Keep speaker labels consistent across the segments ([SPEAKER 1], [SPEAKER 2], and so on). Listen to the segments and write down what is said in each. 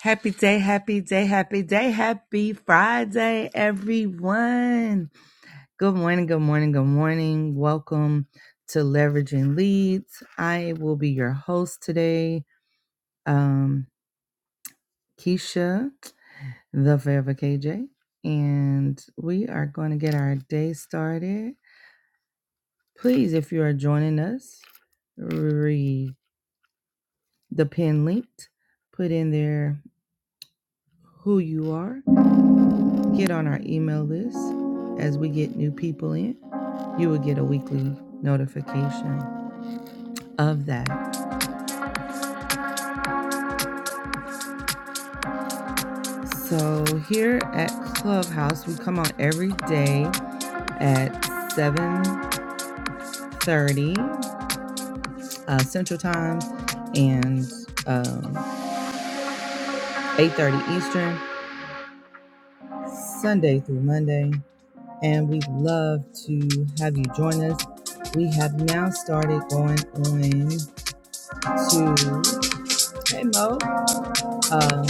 [SPEAKER 1] Happy day, happy day, happy day, happy Friday, everyone. Good morning, good morning, good morning. Welcome to Leveraging Leads. I will be your host today, um, Keisha, the Forever KJ, and we are going to get our day started. Please, if you are joining us, read the pin linked, put in there who you are, get on our email list as we get new people in you will get a weekly notification of that. So here at Clubhouse, we come on every day at 7:30 uh, Central Time and um, 8:30 Eastern, Sunday through Monday, and we would love to have you join us. We have now started going on to Hey Mo. Um,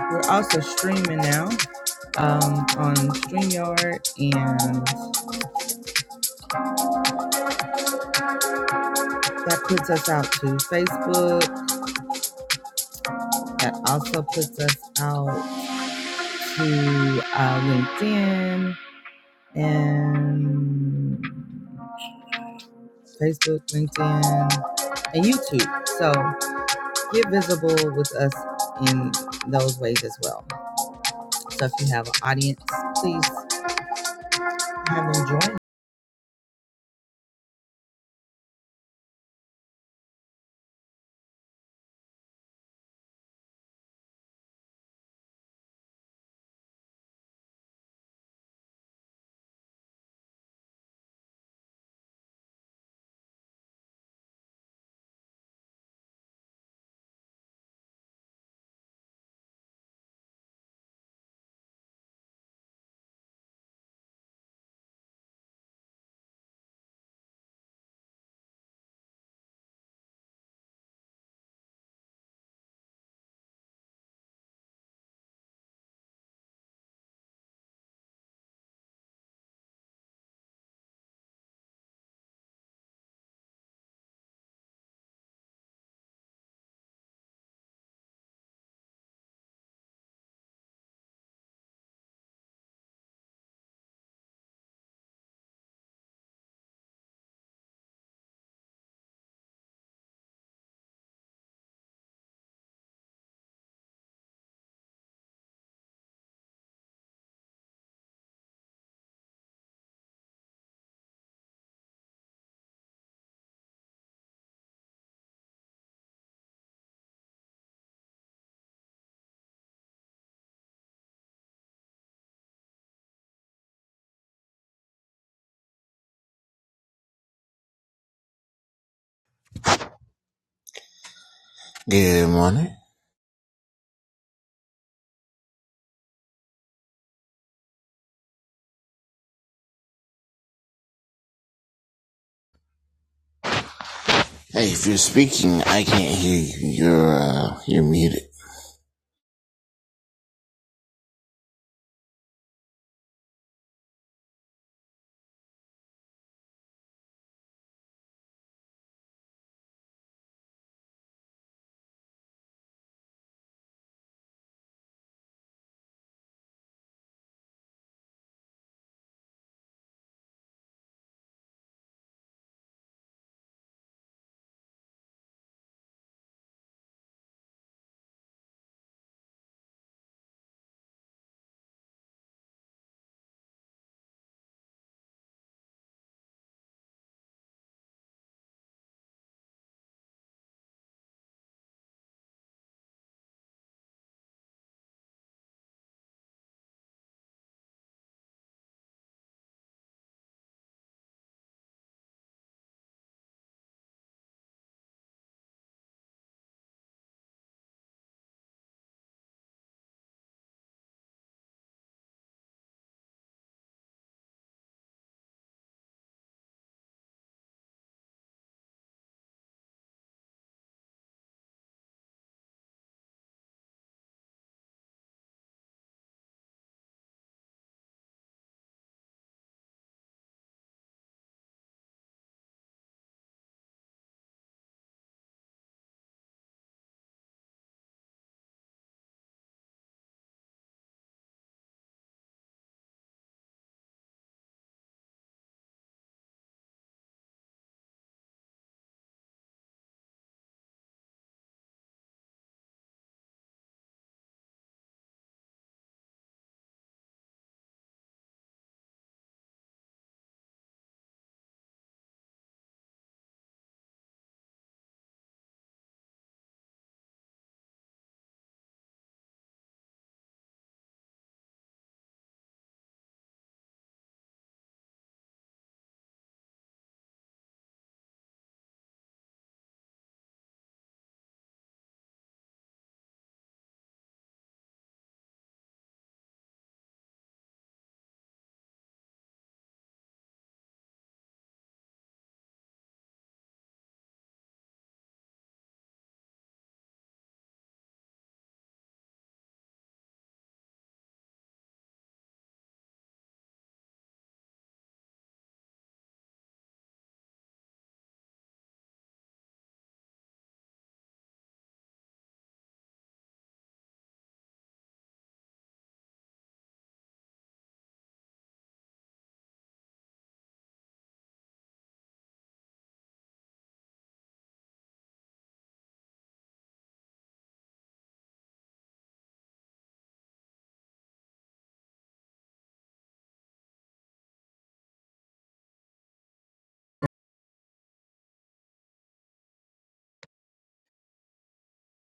[SPEAKER 1] we're also streaming now um, on StreamYard, and that puts us out to Facebook. That also puts us out to uh, LinkedIn and Facebook, LinkedIn, and YouTube. So get visible with us in those ways as well. So if you have an audience, please have them join.
[SPEAKER 2] Good morning. Hey, if you're speaking, I can't hear you. You're uh, you're muted.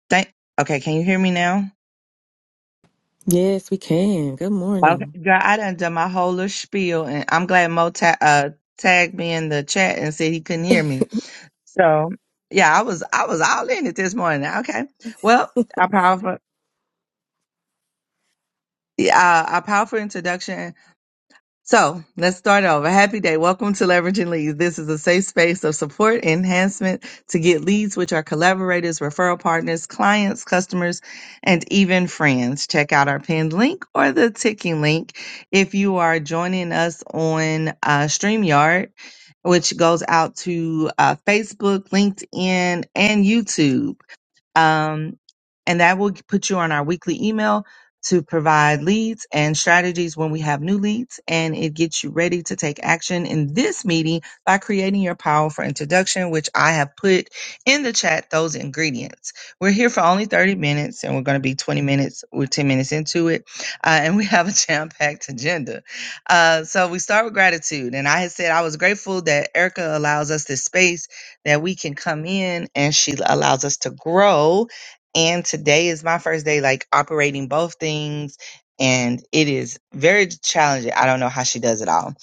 [SPEAKER 1] Thank- okay, can you hear me now?
[SPEAKER 3] Yes, we can. Good
[SPEAKER 1] Okay,
[SPEAKER 3] morning.
[SPEAKER 1] girl, I done done my whole little spiel, and I'm glad Mo ta- uh, tagged me in the chat and said he couldn't hear me. So yeah, I was I was all in it this morning. Okay, well, our powerful yeah, uh, our powerful introduction. So let's start over. Happy day. Welcome to Leveraging Leads. This is a safe space of support enhancement to get leads, which are collaborators, referral partners, clients, customers, and even friends. Check out our pinned link or the ticking link if you are joining us on uh, StreamYard, which goes out to uh, Facebook, LinkedIn, and YouTube. Um, and that will put you on our weekly email to provide leads and strategies when we have new leads. And it gets you ready to take action in this meeting by creating your powerful introduction, which I have put in the chat those ingredients. We're here for only 30 minutes and we're going to be 20 minutes. We're 10 minutes into it. Uh, and we have a jam packed agenda. Uh, so we start with gratitude. And I had said I was grateful that Erica allows us this space that we can come in and she allows us to grow. And today is my first day, like operating both things. And it is very challenging. I don't know how she does it all,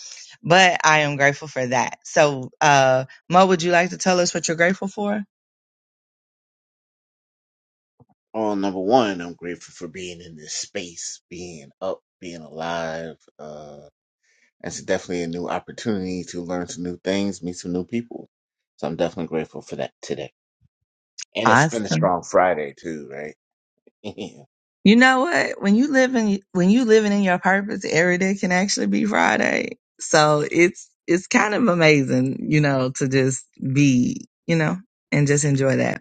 [SPEAKER 1] but I am grateful for that. So, uh, Mo, would you like to tell us what you're grateful for?
[SPEAKER 2] Well, number one, I'm grateful for being in this space, being up, being alive. Uh, it's definitely a new opportunity to learn some new things, meet some new people. So I'm definitely grateful for that today. And it's been a
[SPEAKER 1] Awesome.
[SPEAKER 2] strong Friday too, right? yeah,
[SPEAKER 1] You know what? When you live in when you living in your purpose, every day can actually be Friday. So it's it's kind of amazing, you know, to just be, you know, and just enjoy that.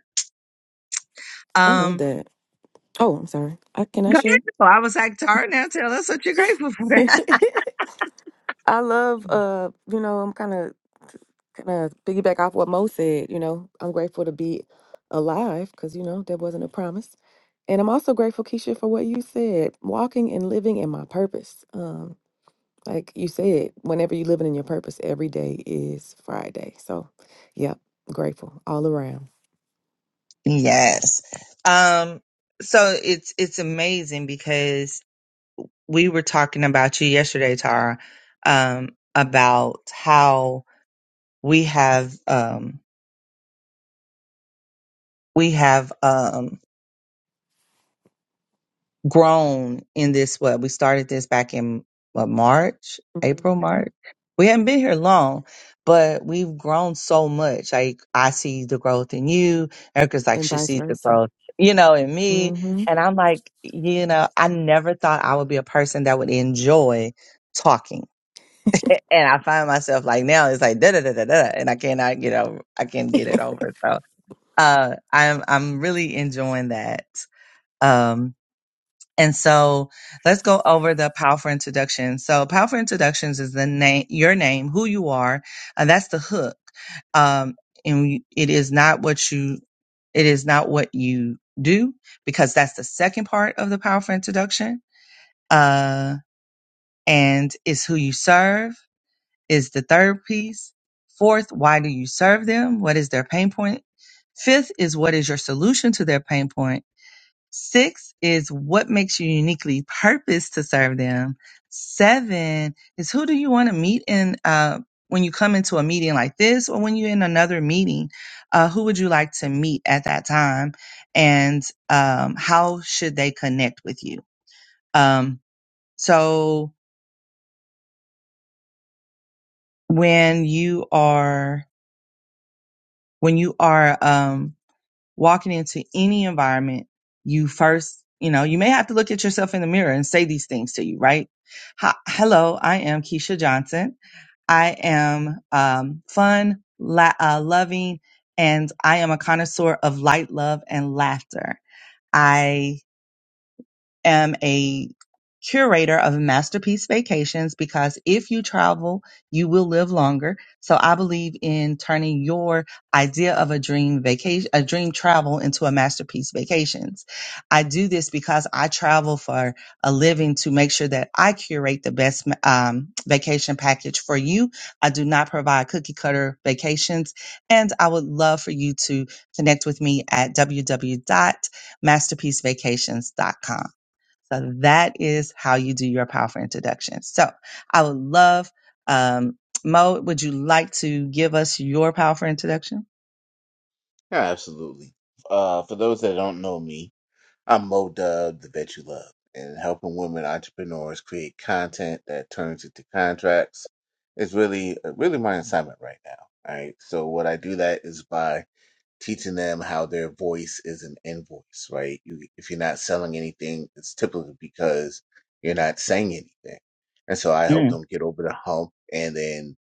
[SPEAKER 3] I love
[SPEAKER 1] Um,
[SPEAKER 3] that. Oh, I'm sorry. I can I
[SPEAKER 1] go
[SPEAKER 3] share?
[SPEAKER 1] ahead. though. I was like, Tara, now tell us what you're grateful for.
[SPEAKER 3] I love uh, you know, I'm kind of kind of piggyback off what Mo said, you know. I'm grateful to be alive cuz you know, that wasn't a promise. And I'm also grateful Keisha for what you said, walking and living in my purpose. Um like you said, whenever you're living in your purpose, every day is Friday. So, yep, grateful all around.
[SPEAKER 1] yes. Um, so it's it's amazing because we were talking about you yesterday, Tara, um, about how we have um, we have um, grown in this. What we started this back in what, March, April,
[SPEAKER 3] hmm
[SPEAKER 1] March. We haven't been here long, but we've grown so much. Like I see the growth in you. Erica's like
[SPEAKER 3] And
[SPEAKER 1] she
[SPEAKER 3] vice
[SPEAKER 1] sees the
[SPEAKER 3] versa.
[SPEAKER 1] growth, you know, in me,
[SPEAKER 3] hmm
[SPEAKER 1] and I'm like, you know, I never thought I would be a person that would enjoy talking A- and I find myself like now it's like da da da da da, and I cannot get over. I can't get it over. So uh, I'm I'm really enjoying that. Um, and so let's go over the powerful introduction. So powerful introductions is the name, your name, who you are. Uh, that's the hook. Um, and you- it is not what you it is not what you do because that's the second part of the powerful introduction uh and it's who you serve is the third piece. Fourth, why do you serve them? What is their pain point? Fifth is what is your solution to their pain point? Sixth is what makes you uniquely purposed to serve them? Seven is who do you want to meet in uh, when you come into a meeting like this or when you're in another meeting? Uh, who would you like to meet at that time? And um, how should they connect with you? Um, so when you are when you are um, walking into any environment, you first, you know, you may have to look at yourself in the mirror and say these things to you, right? Hi, hello, I am Keisha Johnson. I am um, fun, la- uh, loving, and I am a connoisseur of light, love, and laughter. I am a curator of masterpiece vacations because if you travel, you will live longer. So I believe in turning your idea of a dream vacation, a dream travel into a masterpiece vacations. I do this because I travel for a living to make sure that I curate the best um, vacation package for you. I do not provide cookie cutter vacations and I would love for you to connect with me at www.masterpiecevacations.com. So that is how you do your powerful introduction. So I would love, um, Mo, would you like to give us your powerful introduction?
[SPEAKER 2] absolutely. Uh, for those that don't know me, I'm Mo Dub, the vet You Love, and helping women entrepreneurs create content that turns into contracts is really uh, really my assignment right now. All right. So what I do that is by teaching them how their voice is an invoice, right? You, if you're not selling anything, it's typically because you're not saying anything. And so I help them get over the hump and then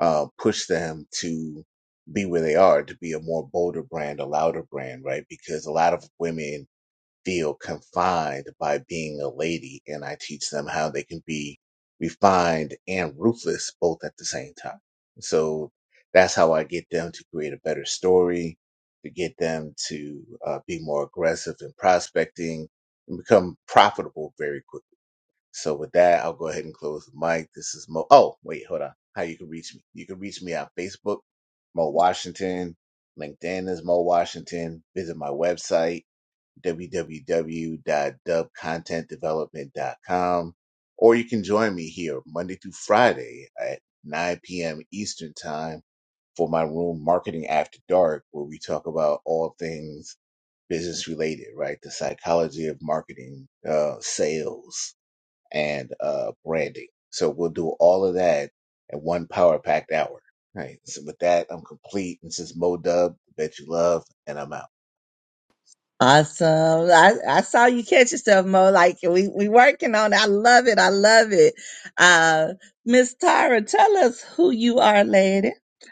[SPEAKER 2] uh, push them to be where they are, to be a more bolder brand, a louder brand, right? Because a lot of women feel confined by being a lady, and I teach them how they can be refined and ruthless both at the same time. So that's how I get them to create a better story, to get them to uh, be more aggressive in prospecting and become profitable very quickly. So with that, I'll go ahead and close the mic. This is Mo. Oh, wait, hold on. How you can reach me? You can reach me on Facebook, Mo Washington. LinkedIn is Mo Washington. Visit my website www.dubcontentdevelopment.com. Or you can join me here Monday through Friday at 9 p.m. Eastern Time for my room, Marketing After Dark, where we talk about all things business related, right? The psychology of marketing, uh, sales, and uh, branding. So we'll do all of that at one power packed hour. Right. So with that, I'm complete. This is Mo Dub, Bet You Love, and I'm out.
[SPEAKER 1] Awesome. I, I saw you catch yourself, Mo. Like we we working on it. I love it. I love it. Uh Miss Tyra, tell us who you are, lady.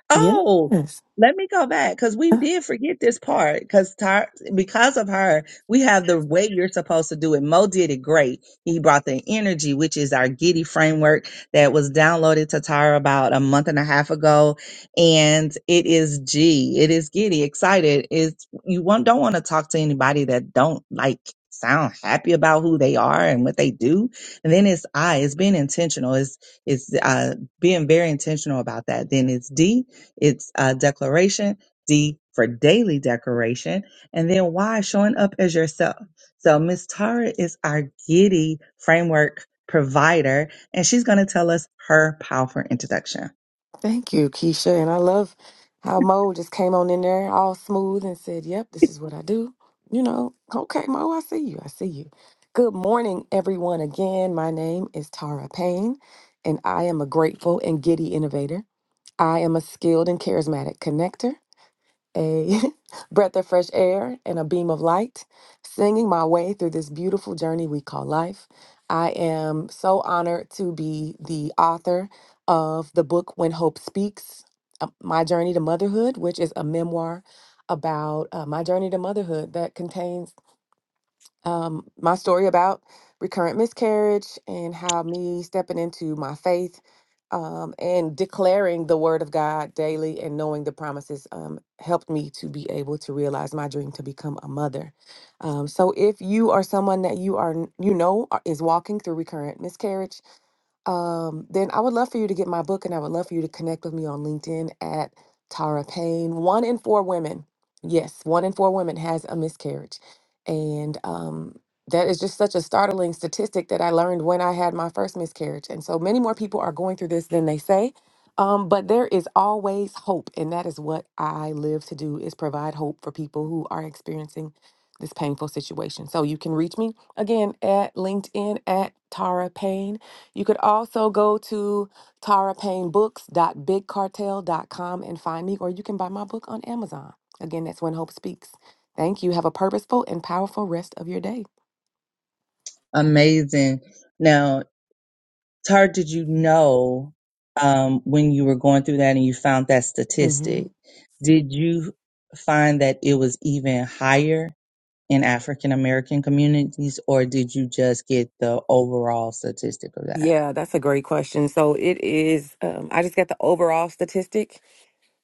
[SPEAKER 1] Oh,
[SPEAKER 3] Yes.
[SPEAKER 1] let me go back because we did forget this part. Because Tyra, because of her, we have the way you're supposed to do it. Mo did it great. He brought the energy, which is our Giddy framework that was downloaded to Tyra about a month and a half ago, and it is G. It is Giddy. Excited is you want, don't want to talk to anybody that don't like sound happy about who they are and what they do. And then it's I, it's being intentional. It's, it's, uh, being very intentional about that. Then it's D, it's, uh, declaration. D for daily decoration. And then Y, showing up as yourself. So Miss Tara is our Giddy framework provider, and she's going to tell us her powerful introduction.
[SPEAKER 3] Thank you, Keisha. And I love how Mo just came on in there all smooth and said, Yep, this is what I do. You know, okay, Mo, I see you. I see you. Good morning, everyone. Again, my name is Tara Payne, and I am a grateful and giddy innovator. I am a skilled and charismatic connector a breath of fresh air and a beam of light, singing my way through this beautiful journey we call life. I am so honored to be the author of the book When Hope Speaks uh, My Journey to Motherhood, which is a memoir about uh, my journey to motherhood that contains um, my story about recurrent miscarriage and how me stepping into my faith um, and declaring the word of God daily and knowing the promises um, helped me to be able to realize my dream to become a mother. Um, so if you are someone that you are you know are- is walking through recurrent miscarriage um, then I would love for you to get my book and I would love for you to connect with me on LinkedIn at Tara Payne. One in four women, yes, one in four women has a miscarriage. And um, that is just such a startling statistic that I learned when I had my first miscarriage. And so many more people are going through this than they say. Um, but there is always hope, and that is what I live to do is provide hope for people who are experiencing this painful situation. So you can reach me again at LinkedIn at Tara Payne you could also go to tara Payne Books dot dot Big Cartel dot com and find me, or you can buy my book on Amazon. Again, that's When Hope Speaks. Thank you. Have a purposeful and powerful rest of your day.
[SPEAKER 1] Amazing. Now, Tar, did you know um, when you were going through that and you found that
[SPEAKER 3] hmm
[SPEAKER 1] statistic, did you find that it was even higher in African American communities, or did you just get the overall statistic of that?
[SPEAKER 3] Yeah, that's a great question. So it is, um, I just got the overall statistic,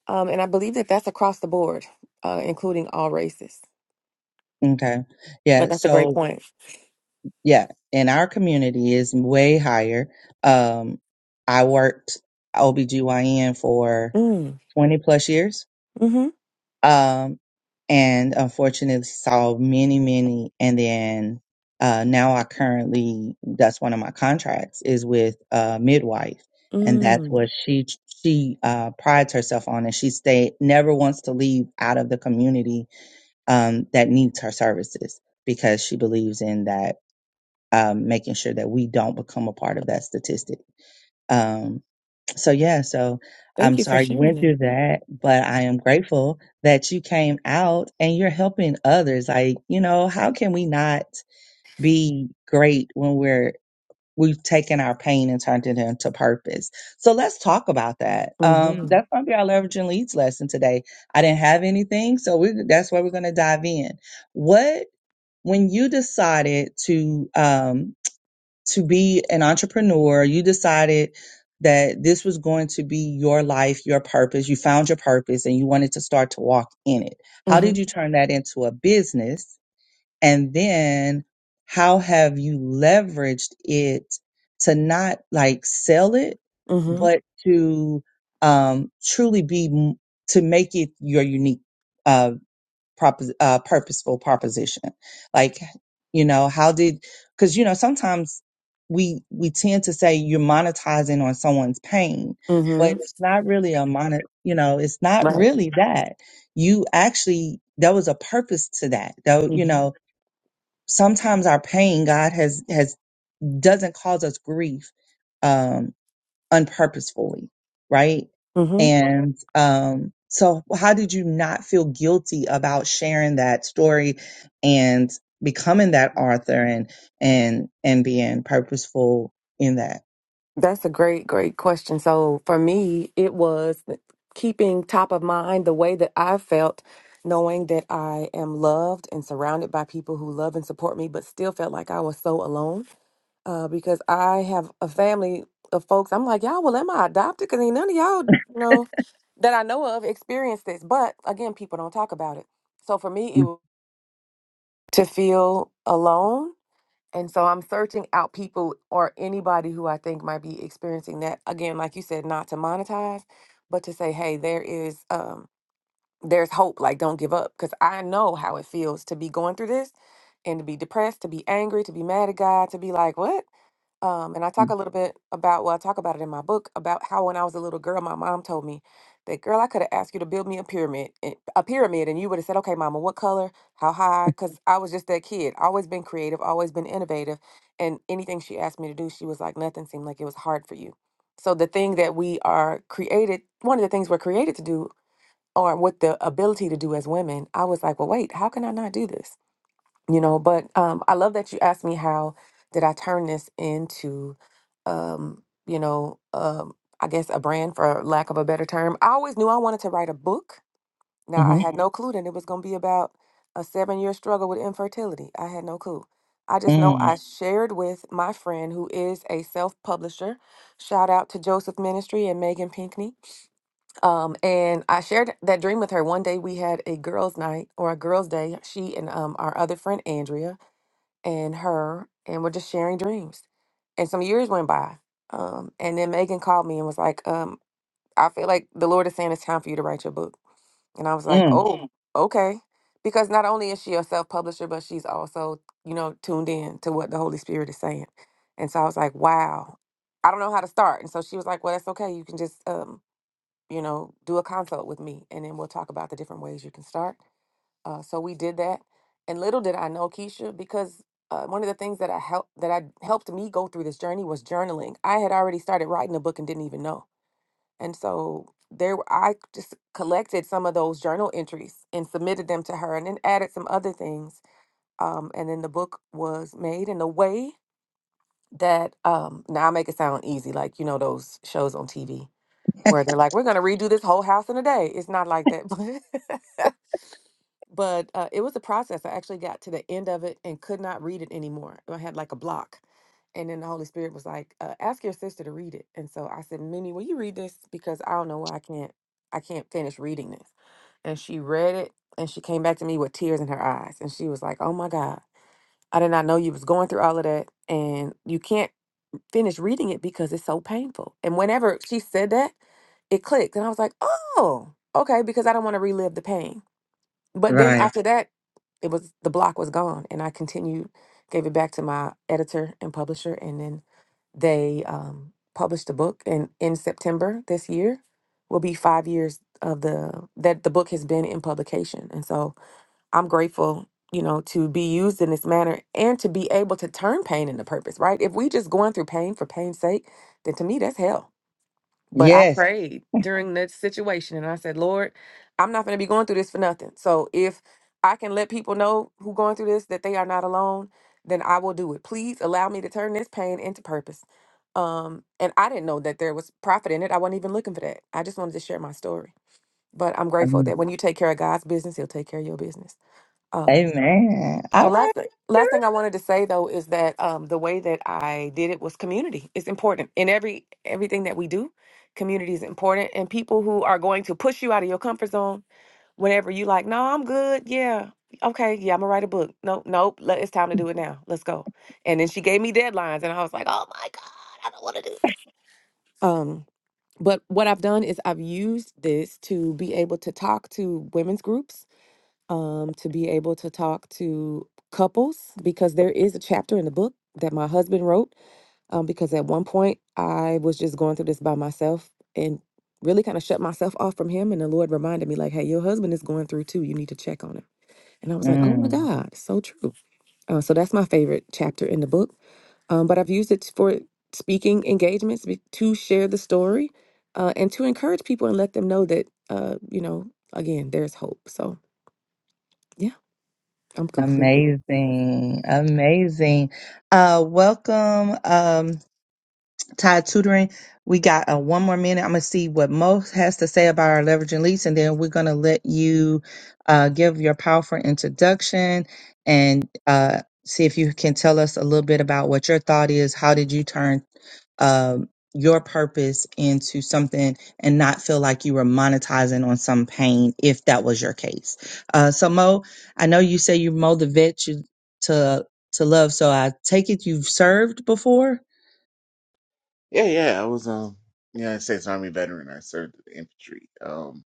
[SPEAKER 3] um, and I believe that that's across the board, uh, including all races.
[SPEAKER 1] Okay.
[SPEAKER 3] But
[SPEAKER 1] Yeah.
[SPEAKER 3] that's a great
[SPEAKER 1] So,
[SPEAKER 3] point.
[SPEAKER 1] yeah, in our community is way higher. Um, I worked OBGYN for
[SPEAKER 3] Mm,
[SPEAKER 1] 20 plus years.
[SPEAKER 3] mm-hmm,
[SPEAKER 1] Um, and unfortunately saw many, many. And then, uh, now I currently, that's one of my contracts is with a midwife. And that's
[SPEAKER 3] mm.
[SPEAKER 1] what she, she, uh, prides herself on. And she stay, never wants to leave out of the community, um, that needs her services because she believes in that, um, making sure that we don't become a part of that statistic. Um, so yeah, so
[SPEAKER 3] Thank
[SPEAKER 1] I'm
[SPEAKER 3] you for
[SPEAKER 1] sorry you
[SPEAKER 3] sharing
[SPEAKER 1] went through
[SPEAKER 3] that.
[SPEAKER 1] that, but I am grateful that you came out and you're helping others. Like, you know, how can we not be great when we're we've taken our pain and turned it into purpose? So let's talk about that. Um,
[SPEAKER 3] Mm-hmm,
[SPEAKER 1] that's gonna be our leveraging leads lesson today. I didn't have anything, so we that's where we're gonna dive in. What when you decided to um to be an entrepreneur, you decided that this was going to be your life, your purpose. You found your purpose and you wanted to start to walk in it. How
[SPEAKER 3] mm-hmm,
[SPEAKER 1] did you turn that into a business? And then how have you leveraged it to not like sell it,
[SPEAKER 3] mm-hmm,
[SPEAKER 1] but to um, truly be, m- to make it your unique? uh, propos- uh, purposeful proposition like you know how did because you know sometimes we we tend to say you're monetizing on someone's pain but
[SPEAKER 3] mm-hmm.
[SPEAKER 1] it's not really a monet you know it's not
[SPEAKER 3] Right.
[SPEAKER 1] really that you actually there was a purpose to that though you
[SPEAKER 3] Mm-hmm,
[SPEAKER 1] know sometimes our pain god has has doesn't cause us grief Um, unpurposefully, right? And um, so, how did you not feel guilty about sharing that story and becoming that author and and and being purposeful in that?
[SPEAKER 3] That's a great, great question. So for me, it was keeping top of mind the way that I felt, knowing that I am loved and surrounded by people who love and support me, but still felt like I was so alone uh, because I have a family of folks. I'm like, y'all, well, am I adopted? Because ain't none of y'all know that I know of experienced this. But again, people don't talk about it. So for me, it was to feel alone and so I'm searching out people or anybody who I think might be experiencing that. Again, like you said, not to monetize, but to say, hey, there is um there's hope. Like don't give up. Cause I know how it feels to be going through this and to be depressed, to be angry, to be mad at God, to be like, what? Um, and I talk a little bit about, well, I talk about it in my book about how when I was a little girl, my mom told me that, girl, I could have asked you to build me a pyramid, eh, a pyramid, and you would have said, okay, mama, what color, how high? Because I was just that kid, always been creative, always been innovative. And anything she asked me to do, she was like, nothing seemed like it was hard for you. So the thing that we are created, one of the things we're created to do, or with the ability to do as women, I was like, well, wait, how can I not do this? you know but um i love that you asked me how did i turn this into um you know um i guess a brand for lack of a better term i always knew i wanted to write a book now i
[SPEAKER 1] Mm-hmm.
[SPEAKER 3] had Mhm. no clue that it was going to be about a seven year struggle with infertility i had no clue i just know i
[SPEAKER 1] Mm,
[SPEAKER 3] Mhm. shared with my friend who is a self publisher shout out to joseph ministry and megan pinkney um, and I shared that dream with her. One day we had a girls' night or a girls' day. She and um, our other friend Andrea, and her and we're just sharing dreams. And some years went by. Um, and then Megan called me and was like, um, I feel like the Lord is saying it's time for you to write your book. And I was like,
[SPEAKER 1] mm,
[SPEAKER 3] Oh, Mm. okay. Because not only is she a self publisher, but she's also, you know, tuned in to what the Holy Spirit is saying. And so I was like, Wow, I don't know how to start. And so she was like, Well, that's okay. You can just um, you know, do a consult with me and then we'll talk about the different ways you can start. Uh, so we did that, and little did I know, Keisha, because uh, one of the things that I helped that I helped me go through this journey was journaling. I had already started writing a book and didn't even know, and so there were- I just collected some of those journal entries and submitted them to her, and then added some other things. Um, and then the book was made in a way that um, now I make it sound easy, like you know those shows on TV where they're like, "We're gonna redo this whole house in a day." It's not like that, but but uh, it was a process. I actually got to the end of it and could not read it anymore. I had like a block. And then the Holy Spirit was like, uh, ask your sister to read it. And so I said, "Minnie, will you read this? Because I don't know why I can't, I can't finish reading this. And she read it and she came back to me with tears in her eyes. And she was like, oh my God, I did not know you was going through all of that. And you can't finish reading it because it's so painful. And whenever she said that, it clicked. And I was like, oh, okay, because I don't want to relive the pain. But then
[SPEAKER 1] right.
[SPEAKER 3] after that, it was the block was gone, and I continued, gave it back to my editor and publisher, and then they um, published the book. And in September this year, will be five years of the that the book has been in publication, and so I'm grateful, you know, to be used in this manner and to be able to turn pain into purpose. Right? If we just going through pain for pain's sake, then to me that's hell but I
[SPEAKER 1] Yes.
[SPEAKER 3] prayed during that situation and I said, Lord, I'm not going to be going through this for nothing. So if I can let people know who going through this that they are not alone, then I will do it. Please allow me to turn this pain into purpose. Um, and I didn't know that there was profit in it. I wasn't even looking for that. I just wanted to share my story. But I'm grateful
[SPEAKER 1] Um,
[SPEAKER 3] that when you take care of God's business, He'll take care of your business. Um,
[SPEAKER 1] amen.
[SPEAKER 3] the
[SPEAKER 1] All right.
[SPEAKER 3] last thing,
[SPEAKER 1] girl.
[SPEAKER 3] last thing I wanted to say though is that um, the way that I did it was community. It's important in every everything that we do. Community is important, and people who are going to push you out of your comfort zone whenever you like, no, I'm good. Yeah, okay, yeah, I'm gonna write a book. Nope, nope. Let, it's time to do it now. Let's go. And then she gave me deadlines, and I was like, oh my god. Um, but what I've done is I've used this to be able to talk to women's groups um, to be able to talk to couples because there is a chapter in the book that my husband wrote. Um, because at one point I was just going through this by myself and really kind of shut myself off from him. And the Lord reminded me, like, hey, your husband is going through too. You need to check on him. And I was like, oh my
[SPEAKER 1] Mm.
[SPEAKER 3] God, so true. Uh, so that's my favorite chapter in the book. Um, but I've used it for speaking engagements be- to share the story uh, and to encourage people and let them know that, uh, you know, again, there's hope. So yeah, I'm complete.
[SPEAKER 1] Amazing, amazing. Uh, welcome, um, Tide Tutoring. We got uh, one more minute. I'm going to see what Mo has to say about our leveraging leads, and then we're going to let you uh, give your powerful introduction and uh, see if you can tell us a little bit about what your thought is. How did you turn um, your purpose into something and not feel like you were monetizing on some pain, if that was your case? Uh, so, Mo, I know you say you Mo the vet you, to to love, so I take it you've served before.
[SPEAKER 2] Yeah, yeah. I was um United States Army veteran. I served in the infantry. Um,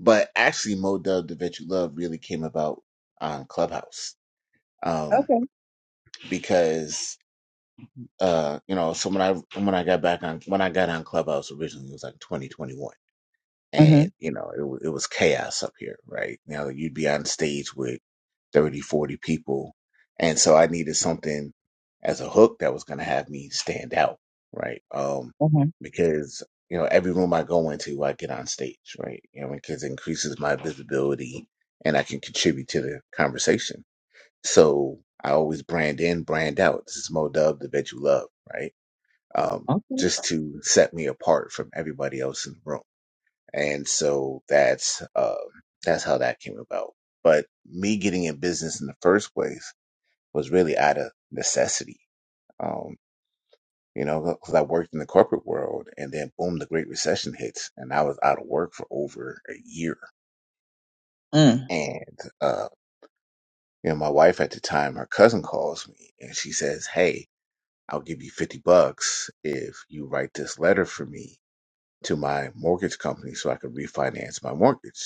[SPEAKER 2] but actually, Mo Dub, the Vet You Love, really came about on Clubhouse. Um,
[SPEAKER 1] Okay.
[SPEAKER 2] because uh, you know, so when I when I got back on when I got on Clubhouse originally, it was like 2021 and you know it, wa- it was chaos up here right now you'd be on stage with 30, 40 people and so i needed something as a hook that was going to have me stand out right um
[SPEAKER 1] Mhm.
[SPEAKER 2] because you know every room i go into i get on stage right you know because it increases my visibility and i can contribute to the conversation so i always brand in brand out this is mo dub the bet you love right um
[SPEAKER 1] Okay.
[SPEAKER 2] just to set me apart from everybody else in the room and so that's um, that's how that came about. But me getting in business in the first place was really out of necessity, um, you know, because I worked in the corporate world, and then boom, the Great Recession hits, and I was out of work for over a year.
[SPEAKER 1] Mm.
[SPEAKER 2] And uh, you know, my wife at the time, her cousin calls me, and she says, "Hey, I'll give you fifty bucks if you write this letter for me." To my mortgage company so I could refinance my mortgage.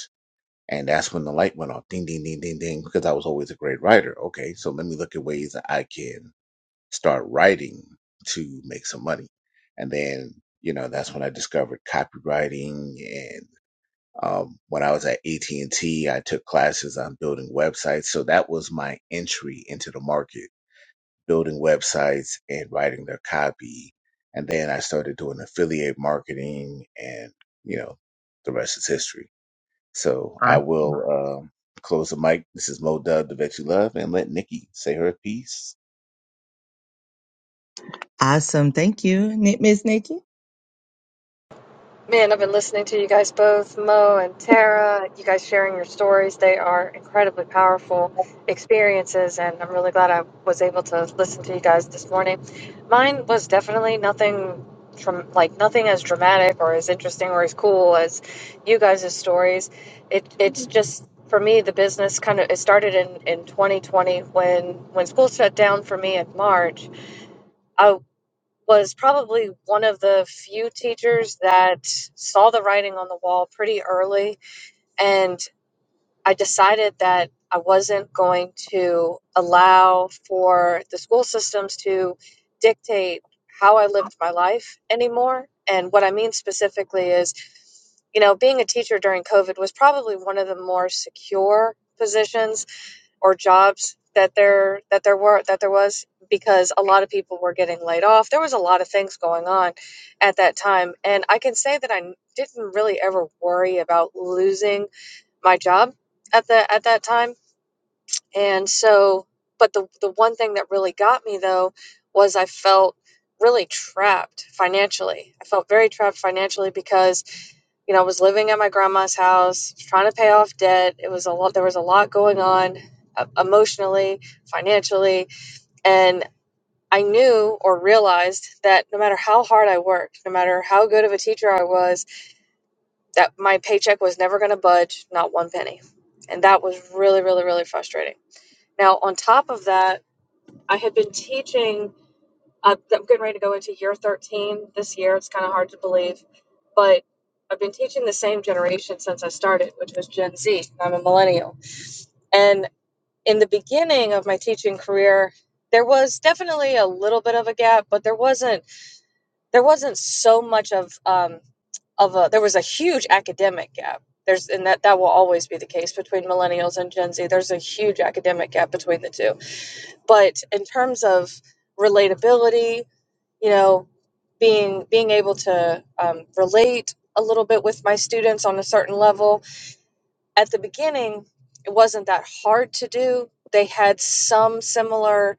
[SPEAKER 2] And that's when the light went off. Ding, ding, ding, ding, ding. Because I was always a great writer. Okay, so let me look at ways that I can start writing to make some money. And then, you know, that's when I discovered copywriting. And um, when I was at AT and T, I took classes on building websites. So that was my entry into the market: building websites and writing their copy. And then I started doing affiliate marketing, and you know, the rest is history. So I will um, close the mic. This is Mo Dub, the Vet You Love, and let Nikki say her piece.
[SPEAKER 1] Awesome. Thank you, Ni- Miss Nikki.
[SPEAKER 4] Man, I've been listening to you guys both, Mo and Tara, you guys sharing your stories. They are incredibly powerful experiences, and I'm really glad I was able to listen to you guys this morning. Mine was definitely nothing from like nothing as dramatic or as interesting or as cool as you guys' stories. It it's just for me the business kind of it started in in 2020 when when school shut down for me in March was probably one of the few teachers that saw the writing on the wall pretty early. And I decided that I wasn't going to allow for the school systems to dictate how I lived my life anymore. And what I mean specifically is, you know, being a teacher during COVID was probably one of the more secure positions or jobs that there that there were that there was because a lot of people were getting laid off. There was a lot of things going on at that time, and I can say that I n- didn't really ever worry about losing my job at the at that time. And so, but the the one thing that really got me though was I felt really trapped financially. I felt very trapped financially because you know, I was living at my grandma's house, trying to pay off debt. It was a lot, there was a lot going on uh, emotionally, financially. And I knew or realized that no matter how hard I worked, no matter how good of a teacher I was, that my paycheck was never going to budge, not one penny. And that was really, really, really frustrating. Now, on top of that, I had been teaching uh, I'm getting ready to go into year 13 this year. It's kind of hard to believe, but I've been teaching the same generation since I started, which was Gen Z. I'm a millennial. And in the beginning of my teaching career, there was definitely a little bit of a gap, but there wasn't there wasn't so much of um, of a there was a huge academic gap. There's and that that will always be the case between millennials and Gen Z. There's a huge academic gap between the two. But in terms of relatability you know being being able to um, relate a little bit with my students on a certain level at the beginning it wasn't that hard to do they had some similar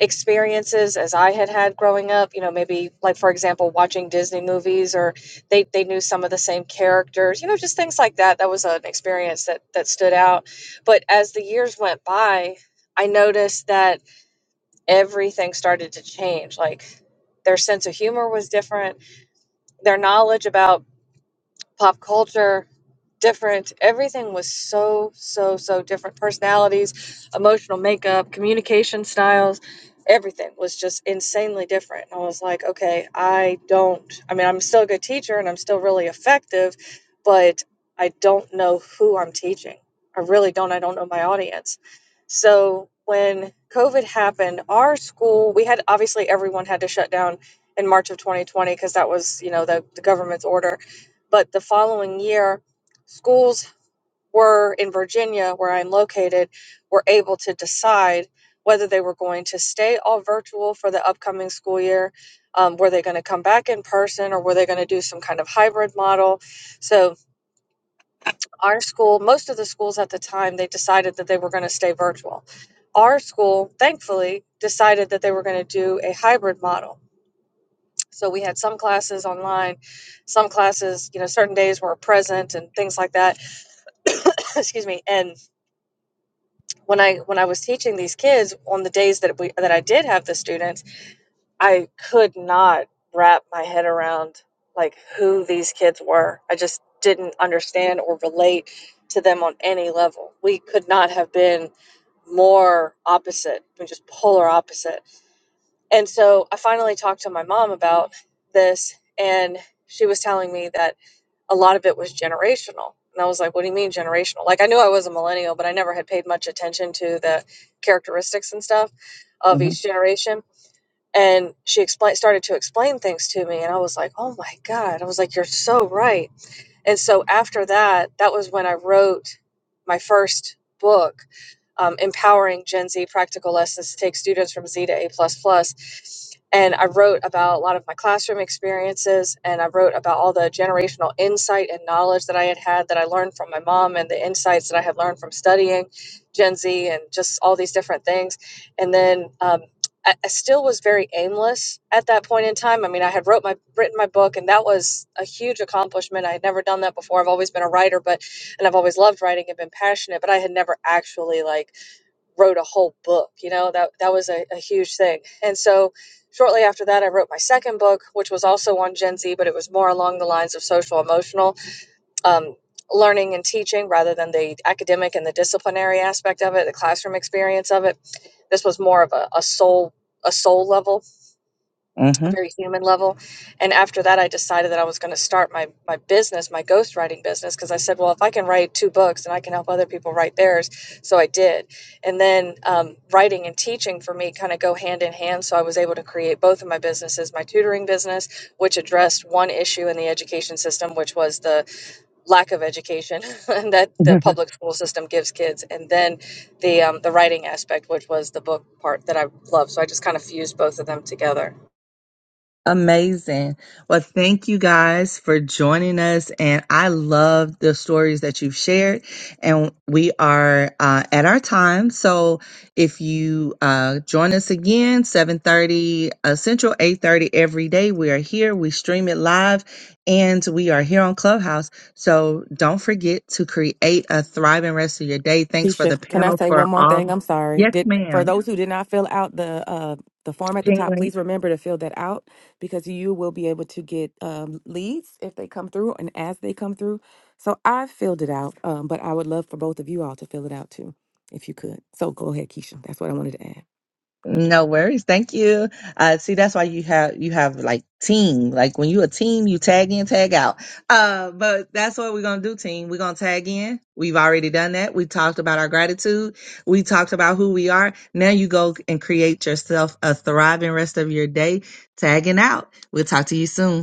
[SPEAKER 4] experiences as i had had growing up you know maybe like for example watching disney movies or they, they knew some of the same characters you know just things like that that was an experience that that stood out but as the years went by i noticed that everything started to change. Like their sense of humor was different, their knowledge about pop culture, different. Everything was so, so, so different. Personalities, emotional makeup, communication styles, everything was just insanely different. And I was like, okay, I don't, I mean, I'm still a good teacher and I'm still really effective, but I don't know who I'm teaching. I really don't. I don't know my audience. So when COVID happened, our school, we had obviously everyone had to shut down in March of 2020 because that was, you know, the, the government's order but the following year, schools were in Virginia, where I'm located, were able to decide whether they were going to stay all virtual for the upcoming school year. Um, were they going to come back in person or were they going to do some kind of hybrid model? So, our school, most of the schools at the time, they decided that they were going to stay virtual. Our school, thankfully, decided that they were going to do a hybrid model. So, we had some classes online, some classes, you know, certain days were present and things like that excuse me and when i when i was teaching these kids on the days that we that i did have the students i could not wrap my head around like who these kids were i just didn't understand or relate to them on any level we could not have been more opposite we just polar opposite and so i finally talked to my mom about this and she was telling me that a lot of it was generational. And I was like, what do you mean generational? Like, I knew I was a millennial, but I never had paid much attention to the characteristics and stuff of
[SPEAKER 1] Mm-hmm.
[SPEAKER 4] each generation. And she explained, started to explain things to me. And I was like, oh my God. I was like, you're so right and so after that, that was when I wrote my first book, um, Empowering Gen Z Practical Lessons to Take Students from Z to A. And I wrote about a lot of my classroom experiences and I wrote about all the generational insight and knowledge that I had had that I learned from my mom and the insights that I had learned from studying Gen Z and just all these different things. And then um, I, I still was very aimless at that point in time. I mean, I had wrote my written my book, and that was a huge accomplishment. I had never done that before. I've always been a writer, but and I've always loved writing and been passionate, but I had never actually like wrote a whole book. You know that that was a, a huge thing. And so shortly after that, I wrote my second book, which was also on Gen Z, but it was more along the lines of social emotional um, learning and teaching rather than the academic and the disciplinary aspect of it, the classroom experience of it. This was more of a, a soul a soul level, a very human level. And after that I decided that I was going to start my my business, my ghostwriting business because I said, well, if I can write two books and I can help other people write theirs, so I did. And then um, writing and teaching for me kind of go hand in hand, so I was able to create both of my businesses, my tutoring business, which addressed one issue in the education system, which was the lack of education that the public school system gives kids, and then the um, the writing aspect, which was the book part that I love. So I just kind of fused both of them together.
[SPEAKER 1] Amazing. Well, thank you guys for joining us. And I love the stories that you've shared. And we are uh, at our time. So if you uh, join us again, 7.30 uh, Central, 8.30 every day, we are here. We stream it live and we are here on Clubhouse. So don't forget to create a thriving rest of your day. Thanks for
[SPEAKER 3] Keisha,
[SPEAKER 1] the
[SPEAKER 3] can I
[SPEAKER 1] panel
[SPEAKER 3] say
[SPEAKER 1] for
[SPEAKER 3] one more
[SPEAKER 1] all.
[SPEAKER 3] thing? I'm sorry.
[SPEAKER 1] Yes,
[SPEAKER 3] Did for
[SPEAKER 1] ma'am.
[SPEAKER 3] those who did not fill out the uh the form at the top,
[SPEAKER 1] Ping
[SPEAKER 3] please remember to fill that out because you will be able to get um, leads if they come through and as they come through. So I filled it out, um, but I would love for both of you all to fill it out too, if you could. So go ahead, Keisha. That's what I wanted to add.
[SPEAKER 1] No worries. Thank you. Uh, see, that's why you have you have like team. Like when you a team, you tag in, tag out. Uh, but that's what we're gonna do, team. We're gonna tag in. We've already done that. We talked about our gratitude. We talked about who we are. Now you go and create yourself a thriving rest of your day. Tagging out. We'll talk to you soon.